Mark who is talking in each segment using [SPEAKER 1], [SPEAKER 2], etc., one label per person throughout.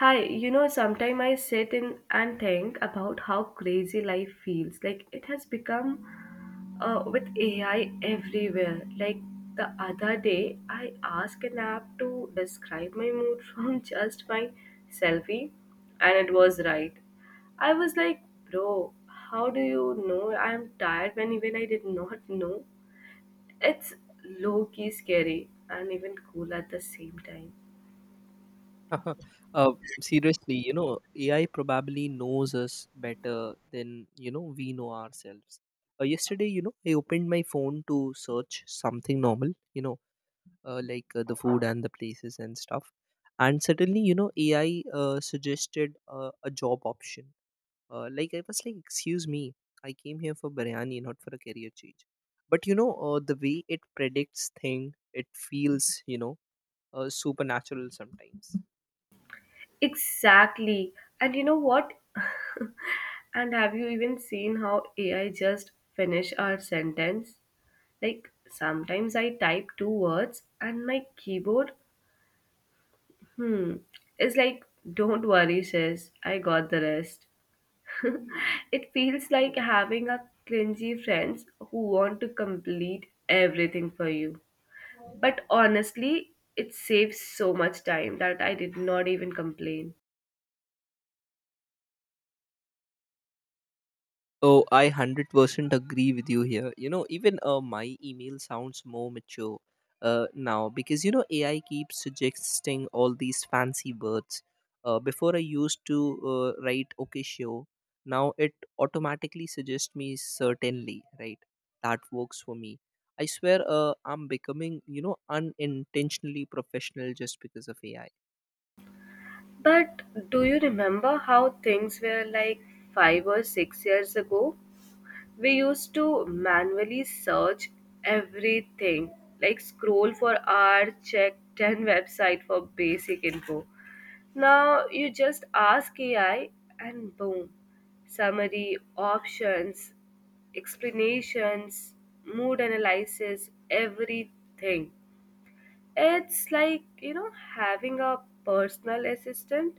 [SPEAKER 1] Hi, you know, sometimes I sit in and think about how crazy life feels. Like it has become with AI everywhere. Like the other day, I asked an app to describe my mood from just my selfie, and it was right. I was like, bro, how do you know I'm tired when even I did not know? It's low key scary and even cool at the same time.
[SPEAKER 2] uh, Seriously, AI probably knows us better than we know ourselves. Yesterday, I opened my phone to search something normal, like the food and the places and stuff, and suddenly, AI suggested a job option. Like I was like, "Excuse me, I came here for biryani, not for a career change." But the way it predicts thing, it feels, supernatural sometimes.
[SPEAKER 1] Exactly. And you know what? And have you even seen how AI just finish our sentence? Like sometimes I type two words and my keyboard hmm is like, don't worry sis, I got the rest. It feels like having a clingy friends who want to complete everything for you. But honestly, it saves so much time that I did not even complain.
[SPEAKER 2] Oh, I 100% agree with you here. Even my email sounds more mature now because, AI keeps suggesting all these fancy words. Before I used to write, "Okay, sure." Now it automatically suggests me "certainly," right? That works for me. I swear, I'm becoming, unintentionally professional just because of AI.
[SPEAKER 1] But do you remember how things were like 5 or 6 years ago? We used to manually search everything, like scroll for hours, check 10 website for basic info. Now you just ask AI and boom, summary, options, explanations, mood analysis, everything. It's like, you know, having a personal assistant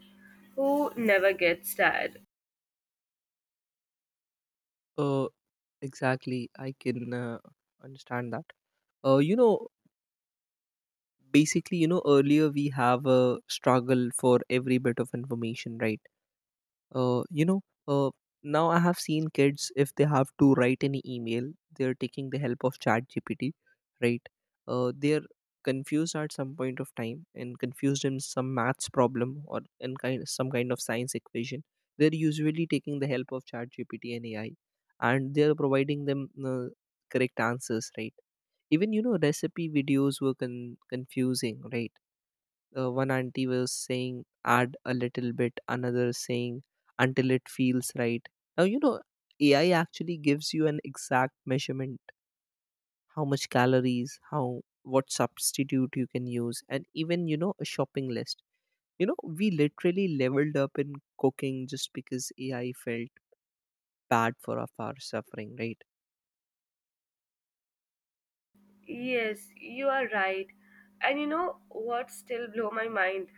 [SPEAKER 1] who never gets tired.
[SPEAKER 2] Uh, exactly. I can understand that. Uh, you know, Basically, earlier we have a struggle for every bit of information, right? uh, you know uh, Now I have seen kids, if they have to write any email, they're taking the help of chat gpt, right? They're confused at some point of time, and confused in some maths problem or in kind some kind of science equation. They're usually taking the help of chat gpt and ai, and they're providing them correct answers, right? Even, recipe videos were confusing, right? One auntie was saying add a little bit, another saying until it feels right. Now, ai actually gives you an exact measurement: how much calories, how what substitute you can use, and even, a shopping list. We literally leveled up in cooking just because ai felt bad for of our suffering, right?
[SPEAKER 1] Yes, you are right. And you know what still blow my mind?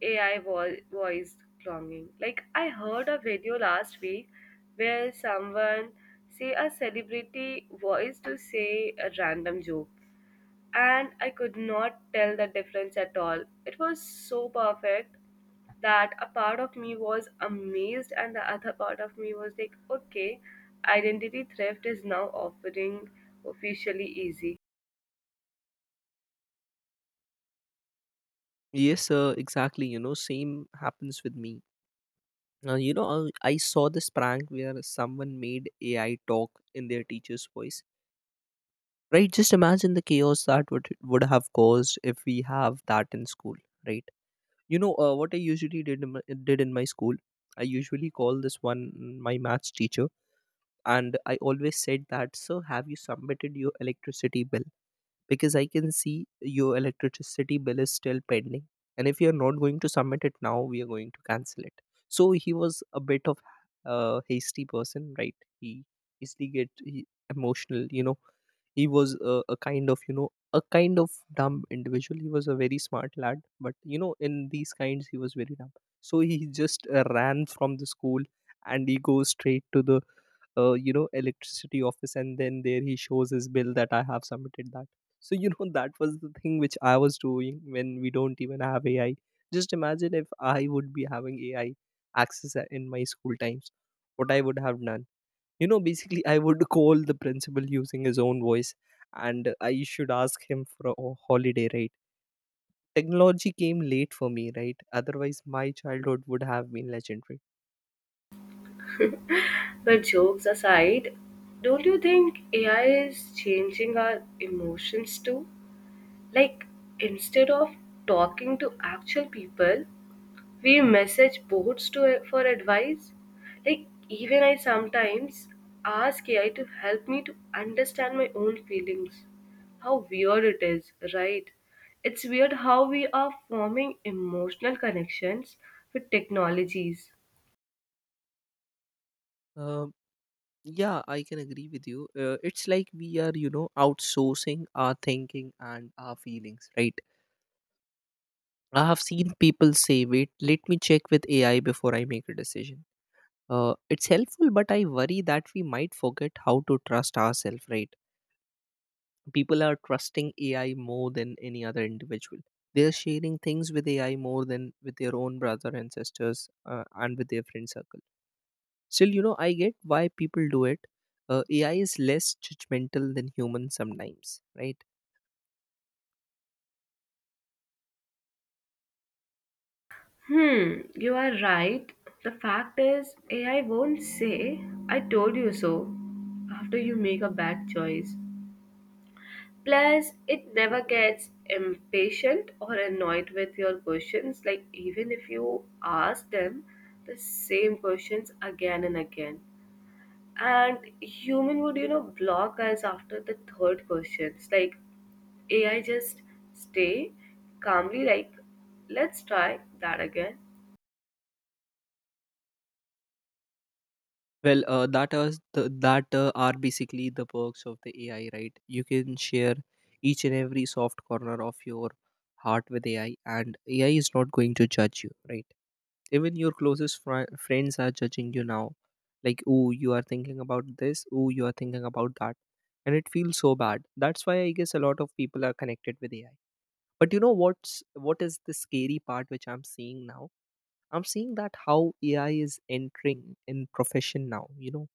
[SPEAKER 1] Voice cloning. Like I heard a video last week where someone say a celebrity voice to say a random joke, and I could not tell the difference at all. It was so perfect that a part of me was amazed, and the other part of me was like, okay, identity theft is now offering officially easy.
[SPEAKER 2] Yes sir, exactly. Same happens with me. I saw this prank where someone made AI talk in their teacher's voice, right? Just imagine the chaos that would have caused if we have that in school, right? What I usually did in my school? I usually call this one, my maths teacher, and I always said that, "Sir, have you submitted your electricity bill? Because I can see your electricity bill is still pending, and if you're not going to submit it now, we are going to cancel it." So he was a bit of a hasty person, right? He easily get, emotional, he was a a kind of dumb individual. He was a very smart lad, but you know, in these kinds he was very dumb. So he just ran from the school, and he goes straight to the electricity office, and then there he shows his bill that "I have submitted that." So that was the thing which I was doing when we don't even have ai. Just imagine if I would be having ai access, in my school times, what I would have done. Basically, I would call the principal using his own voice, and I should ask him for a holiday, right? Technology came late for me, right? Otherwise my childhood would have been legendary.
[SPEAKER 1] But jokes aside, don't you think AI is changing our emotions too? Like, instead of talking to actual people, we message bots to for advice. Like even I sometimes ask AI to help me to understand my own feelings. How weird it is, right? It's weird how we are forming emotional connections with technologies.
[SPEAKER 2] um, yeah, I can agree with you. It's like we are, outsourcing our thinking and our feelings, right? I have seen people say, "Wait, let me check with ai before I make a decision." It's helpful, but I worry that we might forget how to trust ourselves, right? People are trusting AI more than any other individual. They are sharing things with AI more than with their own brother and sisters, and with their friend circle. Still, I get why people do it. AI is less judgmental than humans sometimes, right?
[SPEAKER 1] Hmm, you are right. The fact is, AI won't say, I told you so, after you make a bad choice. Plus, it never gets impatient or annoyed with your questions. Like, even if you ask them the same questions again and again. And human would, you know, block us after the third questions. Like, AI just stay calmly, like, let's try that again.
[SPEAKER 2] Well, that are basically the perks of the AI, right? You can share each and every soft corner of your heart with AI, and AI is not going to judge you, right? Even your closest friends are judging you now, like, "Oh, you are thinking about this, oh, you are thinking about that." And it feels so bad. That's why I guess a lot of people are connected with ai. But you know what is the scary part which I'm seeing now? I'm seeing that how ai is entering in profession now.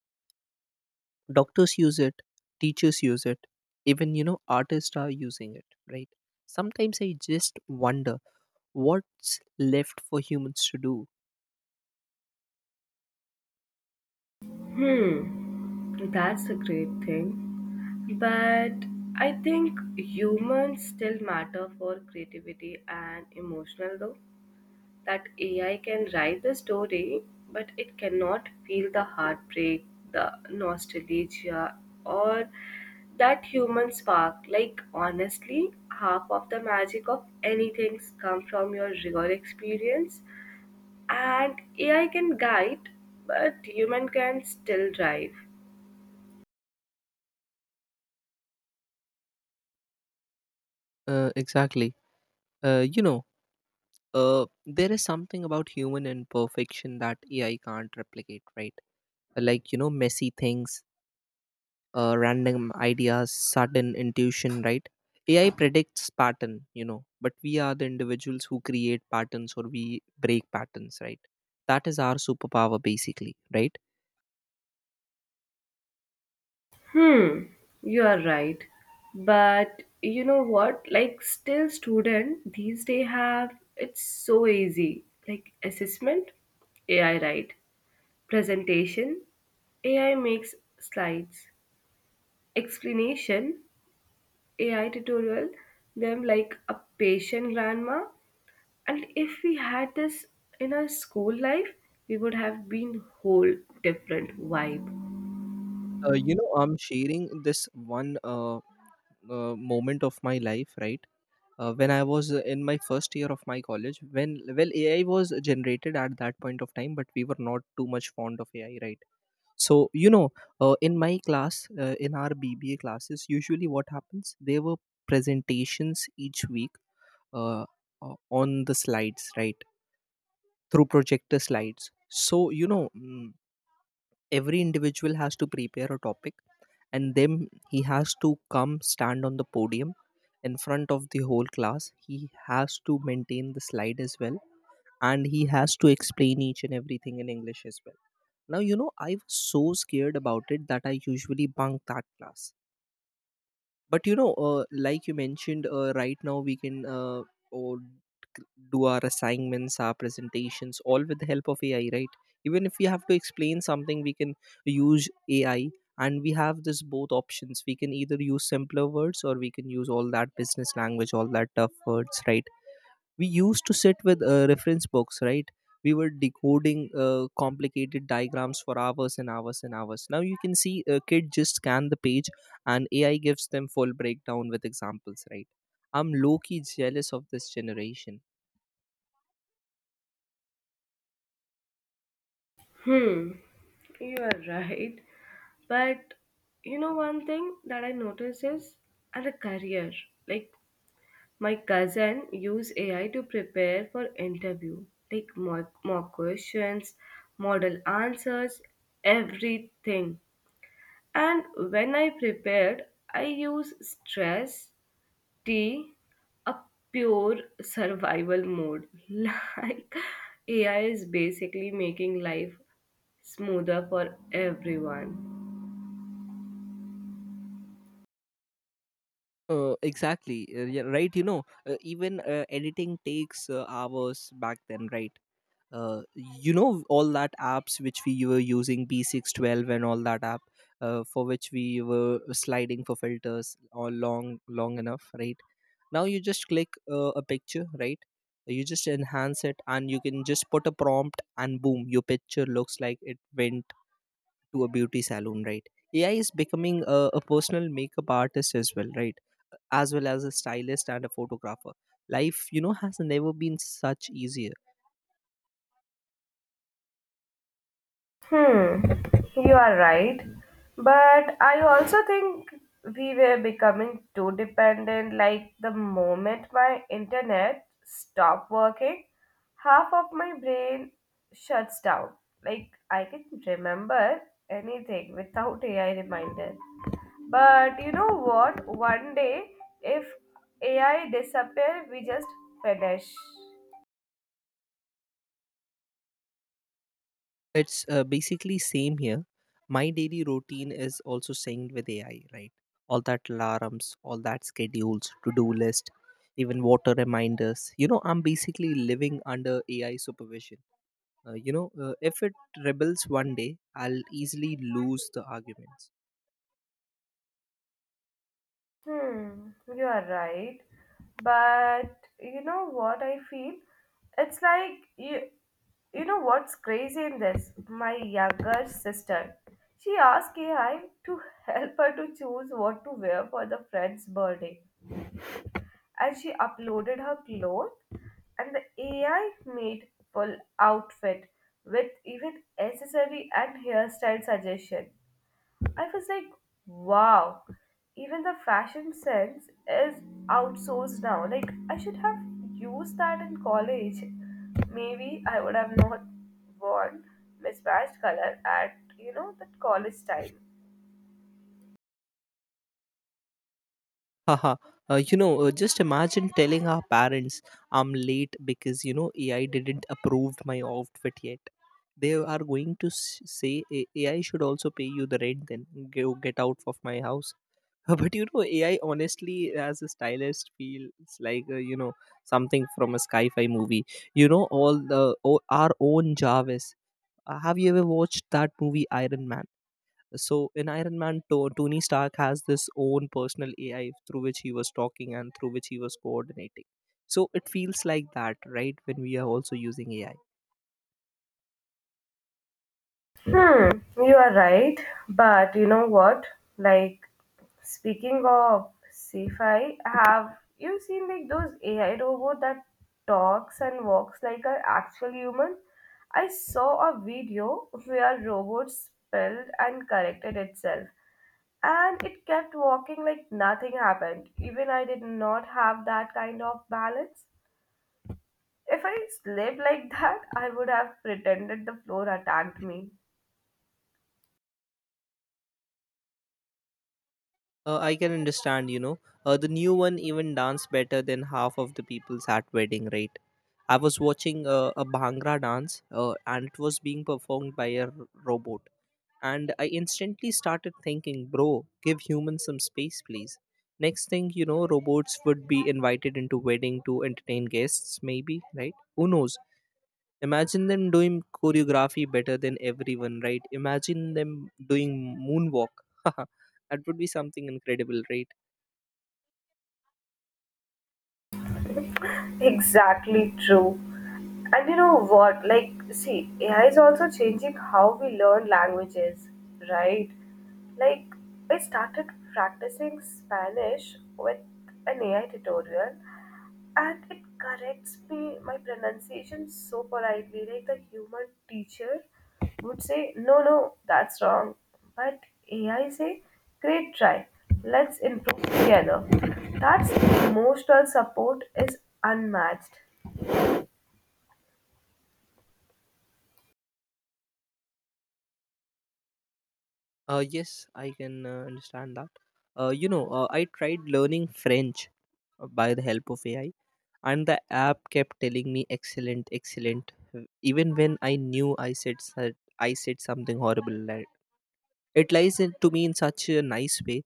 [SPEAKER 2] Doctors use it, teachers use it, even artists are using it, right? Sometimes I just wonder what's left for humans to do.
[SPEAKER 1] Hmm, that's a great thing. But I think humans still matter for creativity and emotional though. That AI can write the story, but it cannot feel the heartbreak, the nostalgia, or that human spark. Like honestly, half of the magic of anything comes from your real experience. And AI can guide, but human can still drive.
[SPEAKER 2] Exactly. uh, you know there is something about human imperfection that AI can't replicate, right? Like, messy things, random ideas, sudden intuition, right? AI predicts pattern, but we are the individuals who create patterns or we break patterns, right? That is our superpower, basically, right?
[SPEAKER 1] Hmm, you are right. But you know what? Like still student these days have it's so easy. Like assessment, AI write. Presentation, AI makes slides. Explanation, AI tutorial them like a patient grandma. And if we had this in our school life, we would have been whole different vibe.
[SPEAKER 2] I'm sharing this one moment of my life, right? When I was in my first year of my college, when, well, AI was generated at that point of time, but we were not too much fond of AI, right? So, in my class, in our BBA classes, usually what happens? There were presentations each week, uh, on the slides, right, through projector slides. So, every individual has to prepare a topic, and then he has to come stand on the podium in front of the whole class. He has to maintain the slide as well, and he has to explain each and everything in English as well. Now, I was so scared about it that I usually bunk that class. But you know, like you mentioned, right now we can, or do our assignments, our presentations, all with the help of ai, right? Even if we have to explain something, we can use ai, and we have this both options: we can either use simpler words, or we can use all that business language, all that tough words, right? We used to sit with reference books, right? We were decoding complicated diagrams for hours and hours and hours. Now you can see a kid just scan the page, and ai gives them full breakdown with examples, right? I'm low-key jealous of this generation.
[SPEAKER 1] Hmm. You are right. But you know, one thing that I notice is at a career, like my cousin use AI to prepare for interview, like more questions, model answers, everything. And when I prepared, I use stress, tea, a pure survival mode. Like AI is basically making life smoother for everyone.
[SPEAKER 2] Exactly. Yeah, right, even, editing takes hours back then, right? All that apps which we were using, b612 and all that app, for which we were sliding for filters all long long enough, right? Now you just click a picture, right? You just enhance it, and you can just put a prompt, and boom, your picture looks like it went to a beauty salon, right? AI is becoming a personal makeup artist as well, right? As well as a stylist and a photographer. Life, has never been such easier.
[SPEAKER 1] Hmm, you are right. But I also think we were becoming too dependent. Like the moment my internet stopped working, half of my brain shuts down. Like I can remember anything without AI reminder. But you know what? One day, if AI disappear, we just finish.
[SPEAKER 2] It's basically same here. My daily routine is also synced with AI, right? All that alarms, all that schedules, to-do list, even water reminders. I'm basically living under AI supervision. If it rebels one day, I'll easily lose the arguments.
[SPEAKER 1] Hmm, you are right. But you know what I feel? It's like you know what's crazy in this? My younger sister. She asked AI to help her to choose what to wear for the friend's birthday. And she uploaded her clothes and the AI made full outfit with even accessory and hairstyle suggestion. I was like, wow, even the fashion sense is outsourced now. Like, I should have used that in college. Maybe I would have not worn mismatched color at, you know, that college time.
[SPEAKER 2] Haha, just imagine telling our parents, "I'm late because, AI didn't approve my outfit yet." They are going to say, AI should also pay you the rent then. Go get out of my house." But you know, AI honestly, as a stylist, feels like, something from a sci fi movie. Our own Jarvis. Have you ever watched that movie, Iron Man? So in Iron Man, Tony Stark has this own personal AI through which he was talking, and through which he was coordinating. So it feels like that, right? When we are also using AI,
[SPEAKER 1] Hmm, you are right. But you know what? Like, speaking of sci-fi, have you seen like those AI robot that talks and walks like an actual human? I saw a video where robot spelled and corrected itself, and it kept walking like nothing happened. Even I did not have that kind of balance. If I slept like that, I would have pretended the floor attacked me.
[SPEAKER 2] I can understand. The new one even dance better than half of the people's at wedding, right? I was watching a Bhangra dance, and it was being performed by a robot. And I instantly started thinking, bro, give humans some space, please. Next thing you know, robots would be invited into wedding to entertain guests, maybe, right? Who knows? Imagine them doing choreography better than everyone, right? Imagine them doing moonwalk. That would be something incredible, right?
[SPEAKER 1] Exactly true. And you know what? Like, see, AI is also changing how we learn languages, right? Like, I started practicing Spanish with an AI tutorial, and it corrects me my pronunciation so politely. Like, the human teacher would say, "No, no, that's wrong," but AI say, "Great try. Let's improve together." That's emotional support is unmatched.
[SPEAKER 2] Yes, I can understand that. I tried learning French by the help of AI, and the app kept telling me excellent, even when I knew I I said something horrible it lies in, to me, in such a nice way,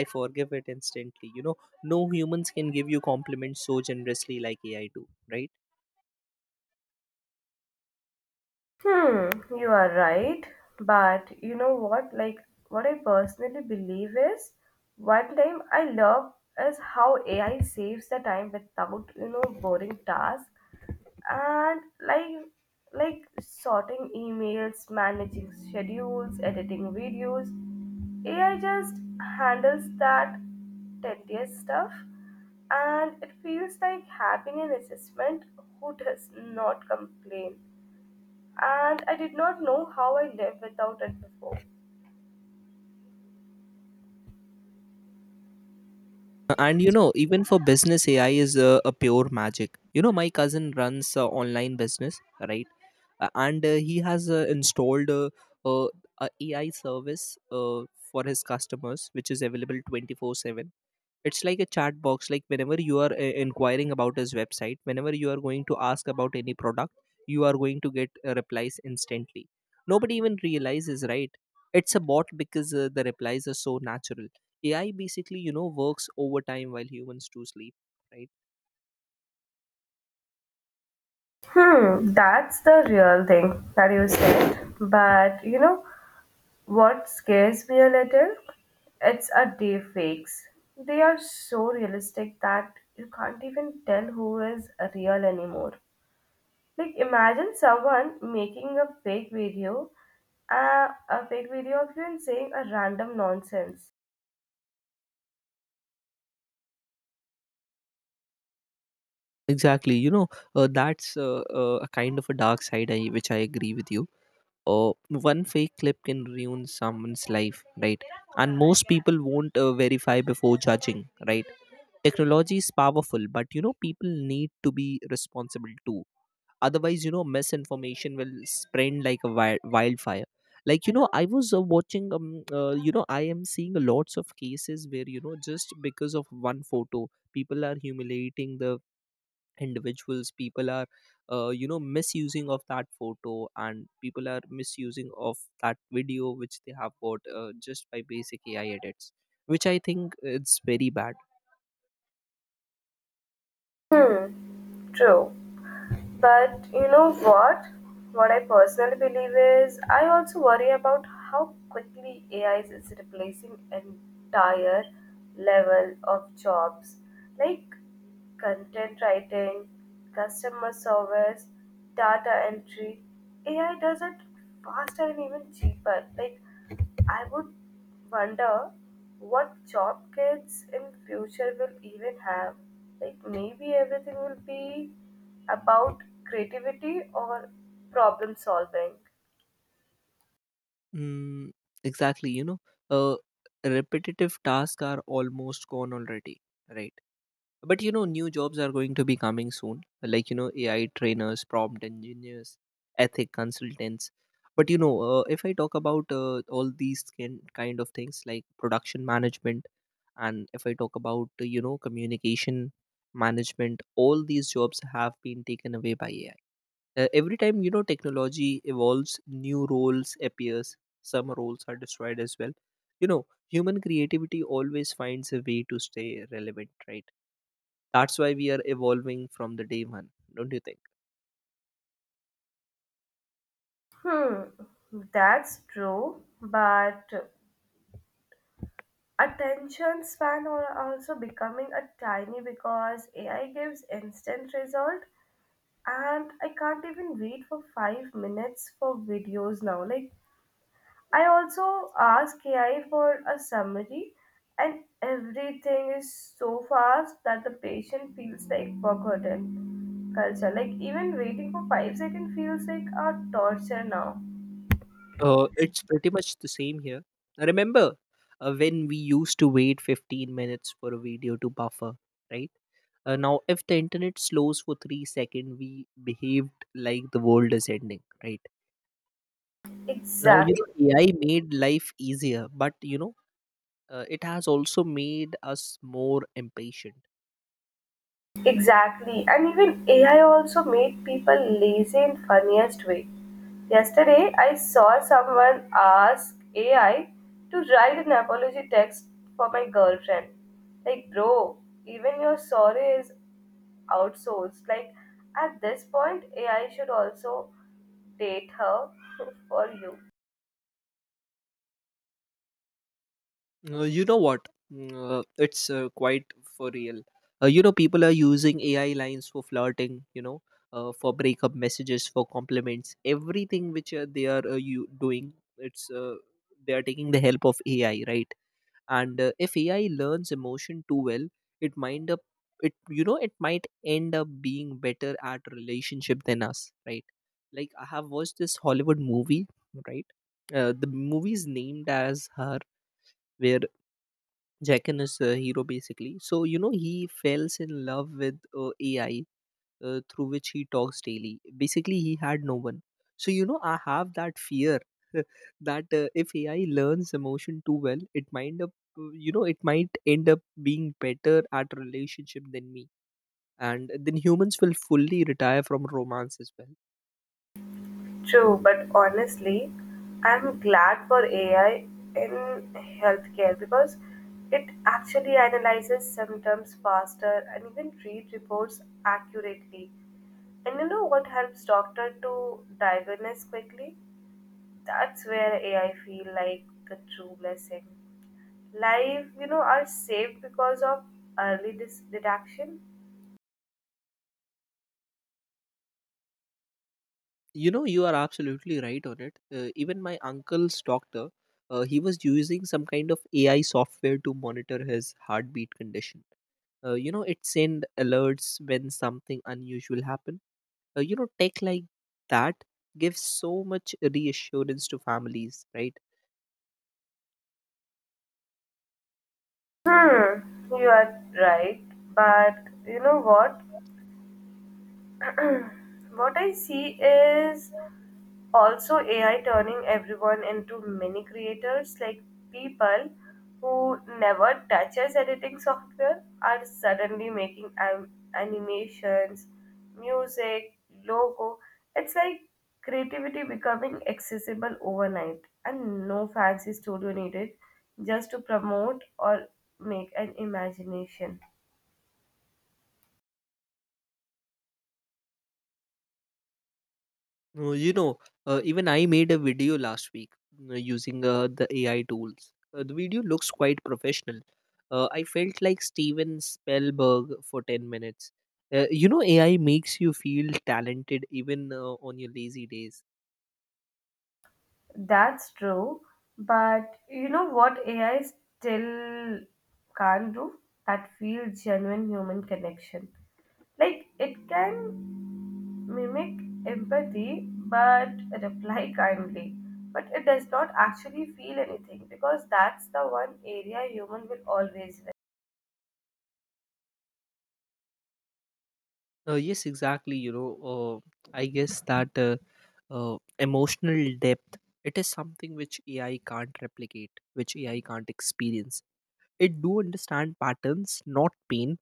[SPEAKER 2] I forgive it instantly. No humans can give you compliments so generously like AI do, right?
[SPEAKER 1] Hmm, you are right. But you know what? Like, what I personally believe is one time I love is how AI saves the time without, you know, boring tasks and like sorting emails, managing schedules, editing videos. AI just handles that tedious stuff and it feels like having an assistant who does not complain and I did not know how I lived without it before.
[SPEAKER 2] And you know, even for business, AI is a pure magic. You know, my cousin runs a online business, right? And He has installed a, a AI service uh, for his customers, which is available 24/7. It's like a chat box. Like, whenever you are inquiring about his website, whenever you are going to ask about any product, you are going to get replies instantly. Nobody even realizes, right? It's a bot, because the replies are so natural. AI basically, you know, works overtime while humans do sleep, right?
[SPEAKER 1] Hmm, that's the real thing that you said. But you know what scares me a little? It's a day fakes. They are so realistic that you can't even tell who is real anymore. Like imagine someone making a fake video of you and saying a random nonsense.
[SPEAKER 2] Exactly, you know, that's a kind of a dark side, I, which I agree with you. One fake clip can ruin someone's life, right? And most people won't verify before judging, right? Technology is powerful, but you know, people need to be responsible too. Otherwise, you know, misinformation will spread like a wildfire. Like, you know, I was watching you know, I am seeing lots of cases where, you know, just because of one photo, people are humiliating the individuals. People are you know, misusing of that photo, and people are misusing of that video which they have got just by basic AI edits, which I think it's very bad.
[SPEAKER 1] Hmm, true. But you know what? What I personally believe is I also worry about how quickly AI is replacing entire level of jobs like content writing, customer service, data entry. AI does it faster and even cheaper. Like I would wonder what job kids in future will even have. Like maybe everything will be about creativity or problem solving.
[SPEAKER 2] Mm, exactly, you know, uh, repetitive tasks are almost gone already, right? But you know, new jobs are going to be coming soon, like, you know, AI trainers, prompt engineers, ethic consultants. But you know, if I talk about all these kind of things like production management, and if I talk about, you know, communication management, all these jobs have been taken away by AI. Every time, you know, technology evolves, new roles appears, some roles are destroyed as well. You know, human creativity always finds a way to stay relevant, right? That's why we are evolving from the day one. Don't you think?
[SPEAKER 1] Hmm, that's true, but attention span are also becoming a tiny because AI gives instant result and I can't even wait for 5 minutes for videos now. Like I also ask AI for a summary, and everything is so fast that the patient feels like forgotten culture. Like even waiting for 5 seconds feels like a torture now.
[SPEAKER 2] It's pretty much the same here. I remember when we used to wait 15 minutes for a video to buffer, right? Now if the internet slows for 3 seconds, we behaved like the world is ending, right? Now, you
[SPEAKER 1] Exactly,
[SPEAKER 2] know, AI made life easier, but you know, it has also made us more impatient.
[SPEAKER 1] exactly. And even AI also made people lazy in funniest way. Yesterday, I saw someone ask AI to write an apology text for my girlfriend. Like, bro, even your sorry is outsourced. Like at this point, AI should also date her for you.
[SPEAKER 2] You know what? It's quite for real. You know, people are using AI lines for flirting. You know, for breakup messages, for compliments, everything which they are you doing. It's they are taking the help of AI, right? And if AI learns emotion too well, it might up it you know, it might end up being better at relationship than us, right? Like, I have watched this Hollywood movie, right? The movie is named as Her, where Jacken is a hero basically. So, you know, he falls in love with AI, through which he talks daily. Basically, he had no one. So you know, I have that fear that if AI learns emotion too well, it might up you know, it might end up being better at relationship than me, and then humans will fully retire from romance as well.
[SPEAKER 1] True, but honestly, I'm glad for AI in healthcare because it actually analyzes symptoms faster and even read reports accurately. And you know what helps doctor to diagnose quickly? That's where AI feel like the true blessing. Life, you know, are saved because of detection.
[SPEAKER 2] You know, you are absolutely right on it. Even my uncle's doctor, he was using some kind of AI software to monitor his heartbeat condition. You know, it send alerts when something unusual happened. You know, tech like that gives so much reassurance to families, right?
[SPEAKER 1] Hmm, you are right, but you know what? What I see is also AI turning everyone into mini creators, like people who never touches editing software are suddenly making animations, music, logo. It's like creativity becoming accessible overnight and no fancy studio needed just to promote or make an imagination.
[SPEAKER 2] No, you know, even I made a video last week using the AI tools. The video looks quite professional. I felt like Steven Spielberg for 10 minutes. You know, AI makes you feel talented even on your lazy days.
[SPEAKER 1] That's true, but you know what AI still can't do? That feel genuine human connection. Like it can mimic empathy but reply kindly. But it does not actually feel anything because that's the one area human will always
[SPEAKER 2] Yes, exactly. You know, I guess that emotional depth, it is something which AI can't replicate, which AI can't experience. It do understand patterns, not pain,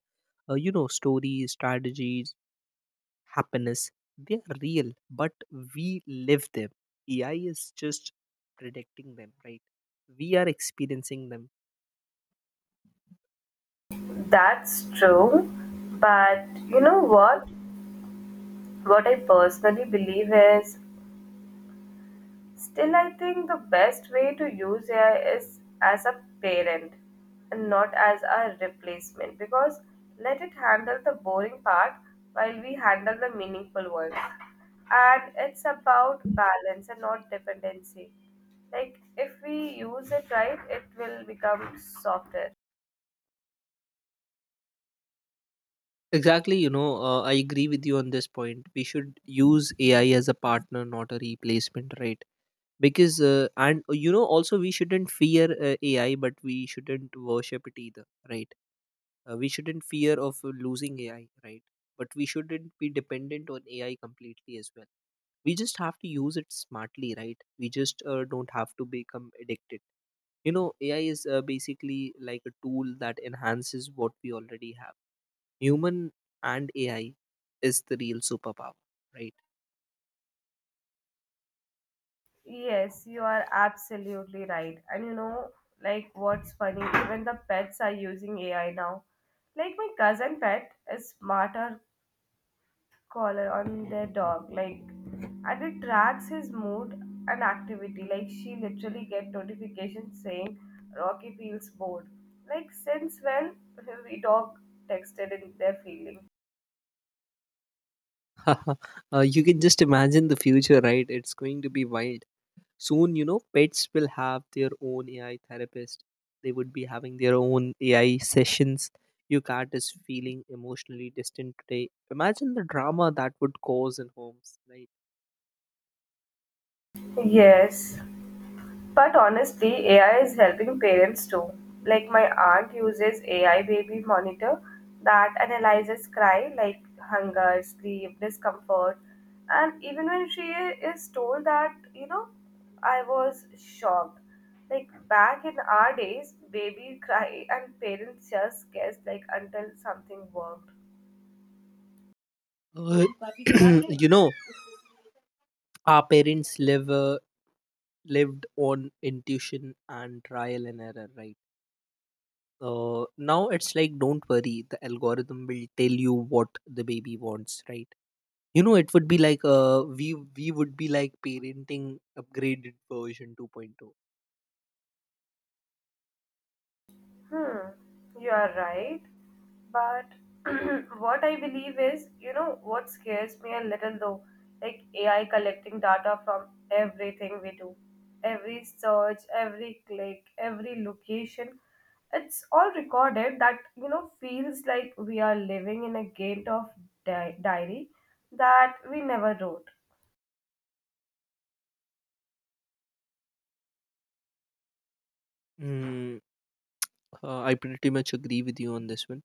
[SPEAKER 2] you know, stories, strategies, happiness, they are real, but we live them. AI is just predicting them, right? We are experiencing them.
[SPEAKER 1] win. That's true, but you know what? What I personally believe is still, I think the best way to use AI is as a parent and not as a replacement because let it handle the boring part while we handle the meaningful ones. And it's about balance and not dependency. Like, if we use it right, it will become softer.
[SPEAKER 2] Exactly, you know, I agree with you on this point. We should use AI as a partner, not a replacement, right? Because, and you know, also we shouldn't fear AI, but we shouldn't worship it either, right? We shouldn't fear of losing AI, right? But we shouldn't be dependent on AI completely as well. We just have to use it smartly, right? We just don't have to become addicted. You know, AI is basically like a tool that enhances what we already have. Human and AI is the real superpower, right?
[SPEAKER 1] Yes, you are absolutely right. And you know, like what's funny, even the pets are using AI now. Like my cousin pet is smarter collar on their dog like and it tracks his mood and activity like she literally get notifications saying rocky feels bored, like since when we dog texted in their feeling.
[SPEAKER 2] uh, you can just imagine the future, right? It's going to be wild soon. You know, pets will have their own AI therapist. They would be having their own AI sessions. Your cat is feeling emotionally distant today. Imagine the drama that would cause in homes, right?
[SPEAKER 1] Yes. But honestly, AI is helping parents too. Like my aunt uses AI baby monitor that analyzes cry like hunger, sleep, discomfort. And even when she is told that, you know, I was shocked. Like back in our days, baby cry and parents just guessed like until something worked.
[SPEAKER 2] Uh, you know, our parents lived on intuition and trial and error, right? Now it's like, don't worry, the algorithm will tell you what the baby wants, right? You know, it would be like we would be like parenting upgraded version 2.0.
[SPEAKER 1] Hmm, you are right. But what I believe is, you know, what scares me a little though, like AI collecting data from everything we do, every search, every click, every location. It's all recorded that, you know, feels like we are living in a gate of diary that we never wrote.
[SPEAKER 2] Mm, I pretty much agree with you on this one,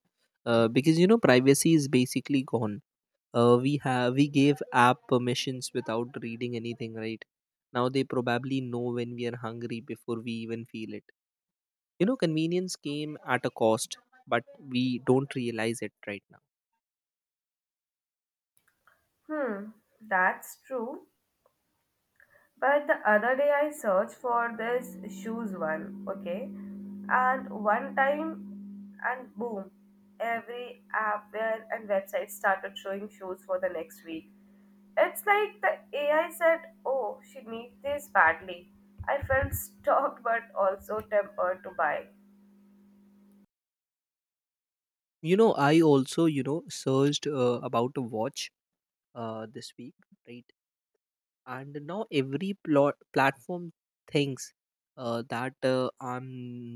[SPEAKER 2] because you know, privacy is basically gone. We have we gave app permissions without reading anything, right? Now they probably know when we are hungry before we even feel it. You know, convenience came at a cost, but we don't realize it right now.
[SPEAKER 1] Hmm, that's true. But the other day I searched for this shoes one, okay? And one time and boom, every app where and website started showing shoes for the next week. It's like the AI said, oh, she needs this badly. I felt stalked but also tempered to buy.
[SPEAKER 2] You know, I also, you know, searched about a watch this week, right? And now every plot platform thinks that i'm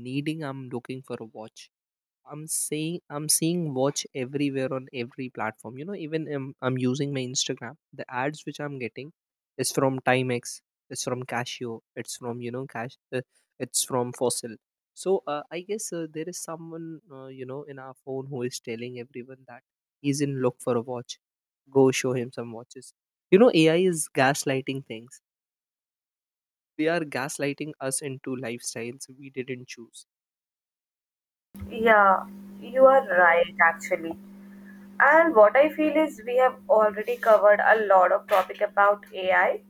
[SPEAKER 2] needing I'm looking for a watch. I'm seeing watch everywhere on every platform. You know, even I'm using my Instagram. The ads which I'm getting is from Timex, it's from Casio, it's from, you know, Cash, it's from Fossil. So I guess there is someone, you know, in our phone who is telling everyone that he's in look for a watch. Go show him some watches. You know, AI is gaslighting things. They are gaslighting us into lifestyles we didn't choose.
[SPEAKER 1] Yeah, you are right, actually. And what I feel is we have already covered a lot of topic about AI.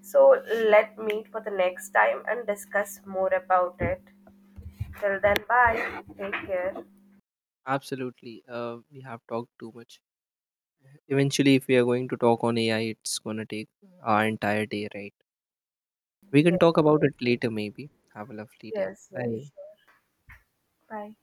[SPEAKER 1] So let meet for the next time and discuss more about it. Till then, bye. Take care.
[SPEAKER 2] Absolutely, we have talked too much. Eventually, if we are going to talk on AI, it's going to take our entire day, right? We can
[SPEAKER 1] Yes,
[SPEAKER 2] talk about it later, maybe. Have a lovely day.
[SPEAKER 1] yes,
[SPEAKER 2] Bye.
[SPEAKER 1] sure. Bye.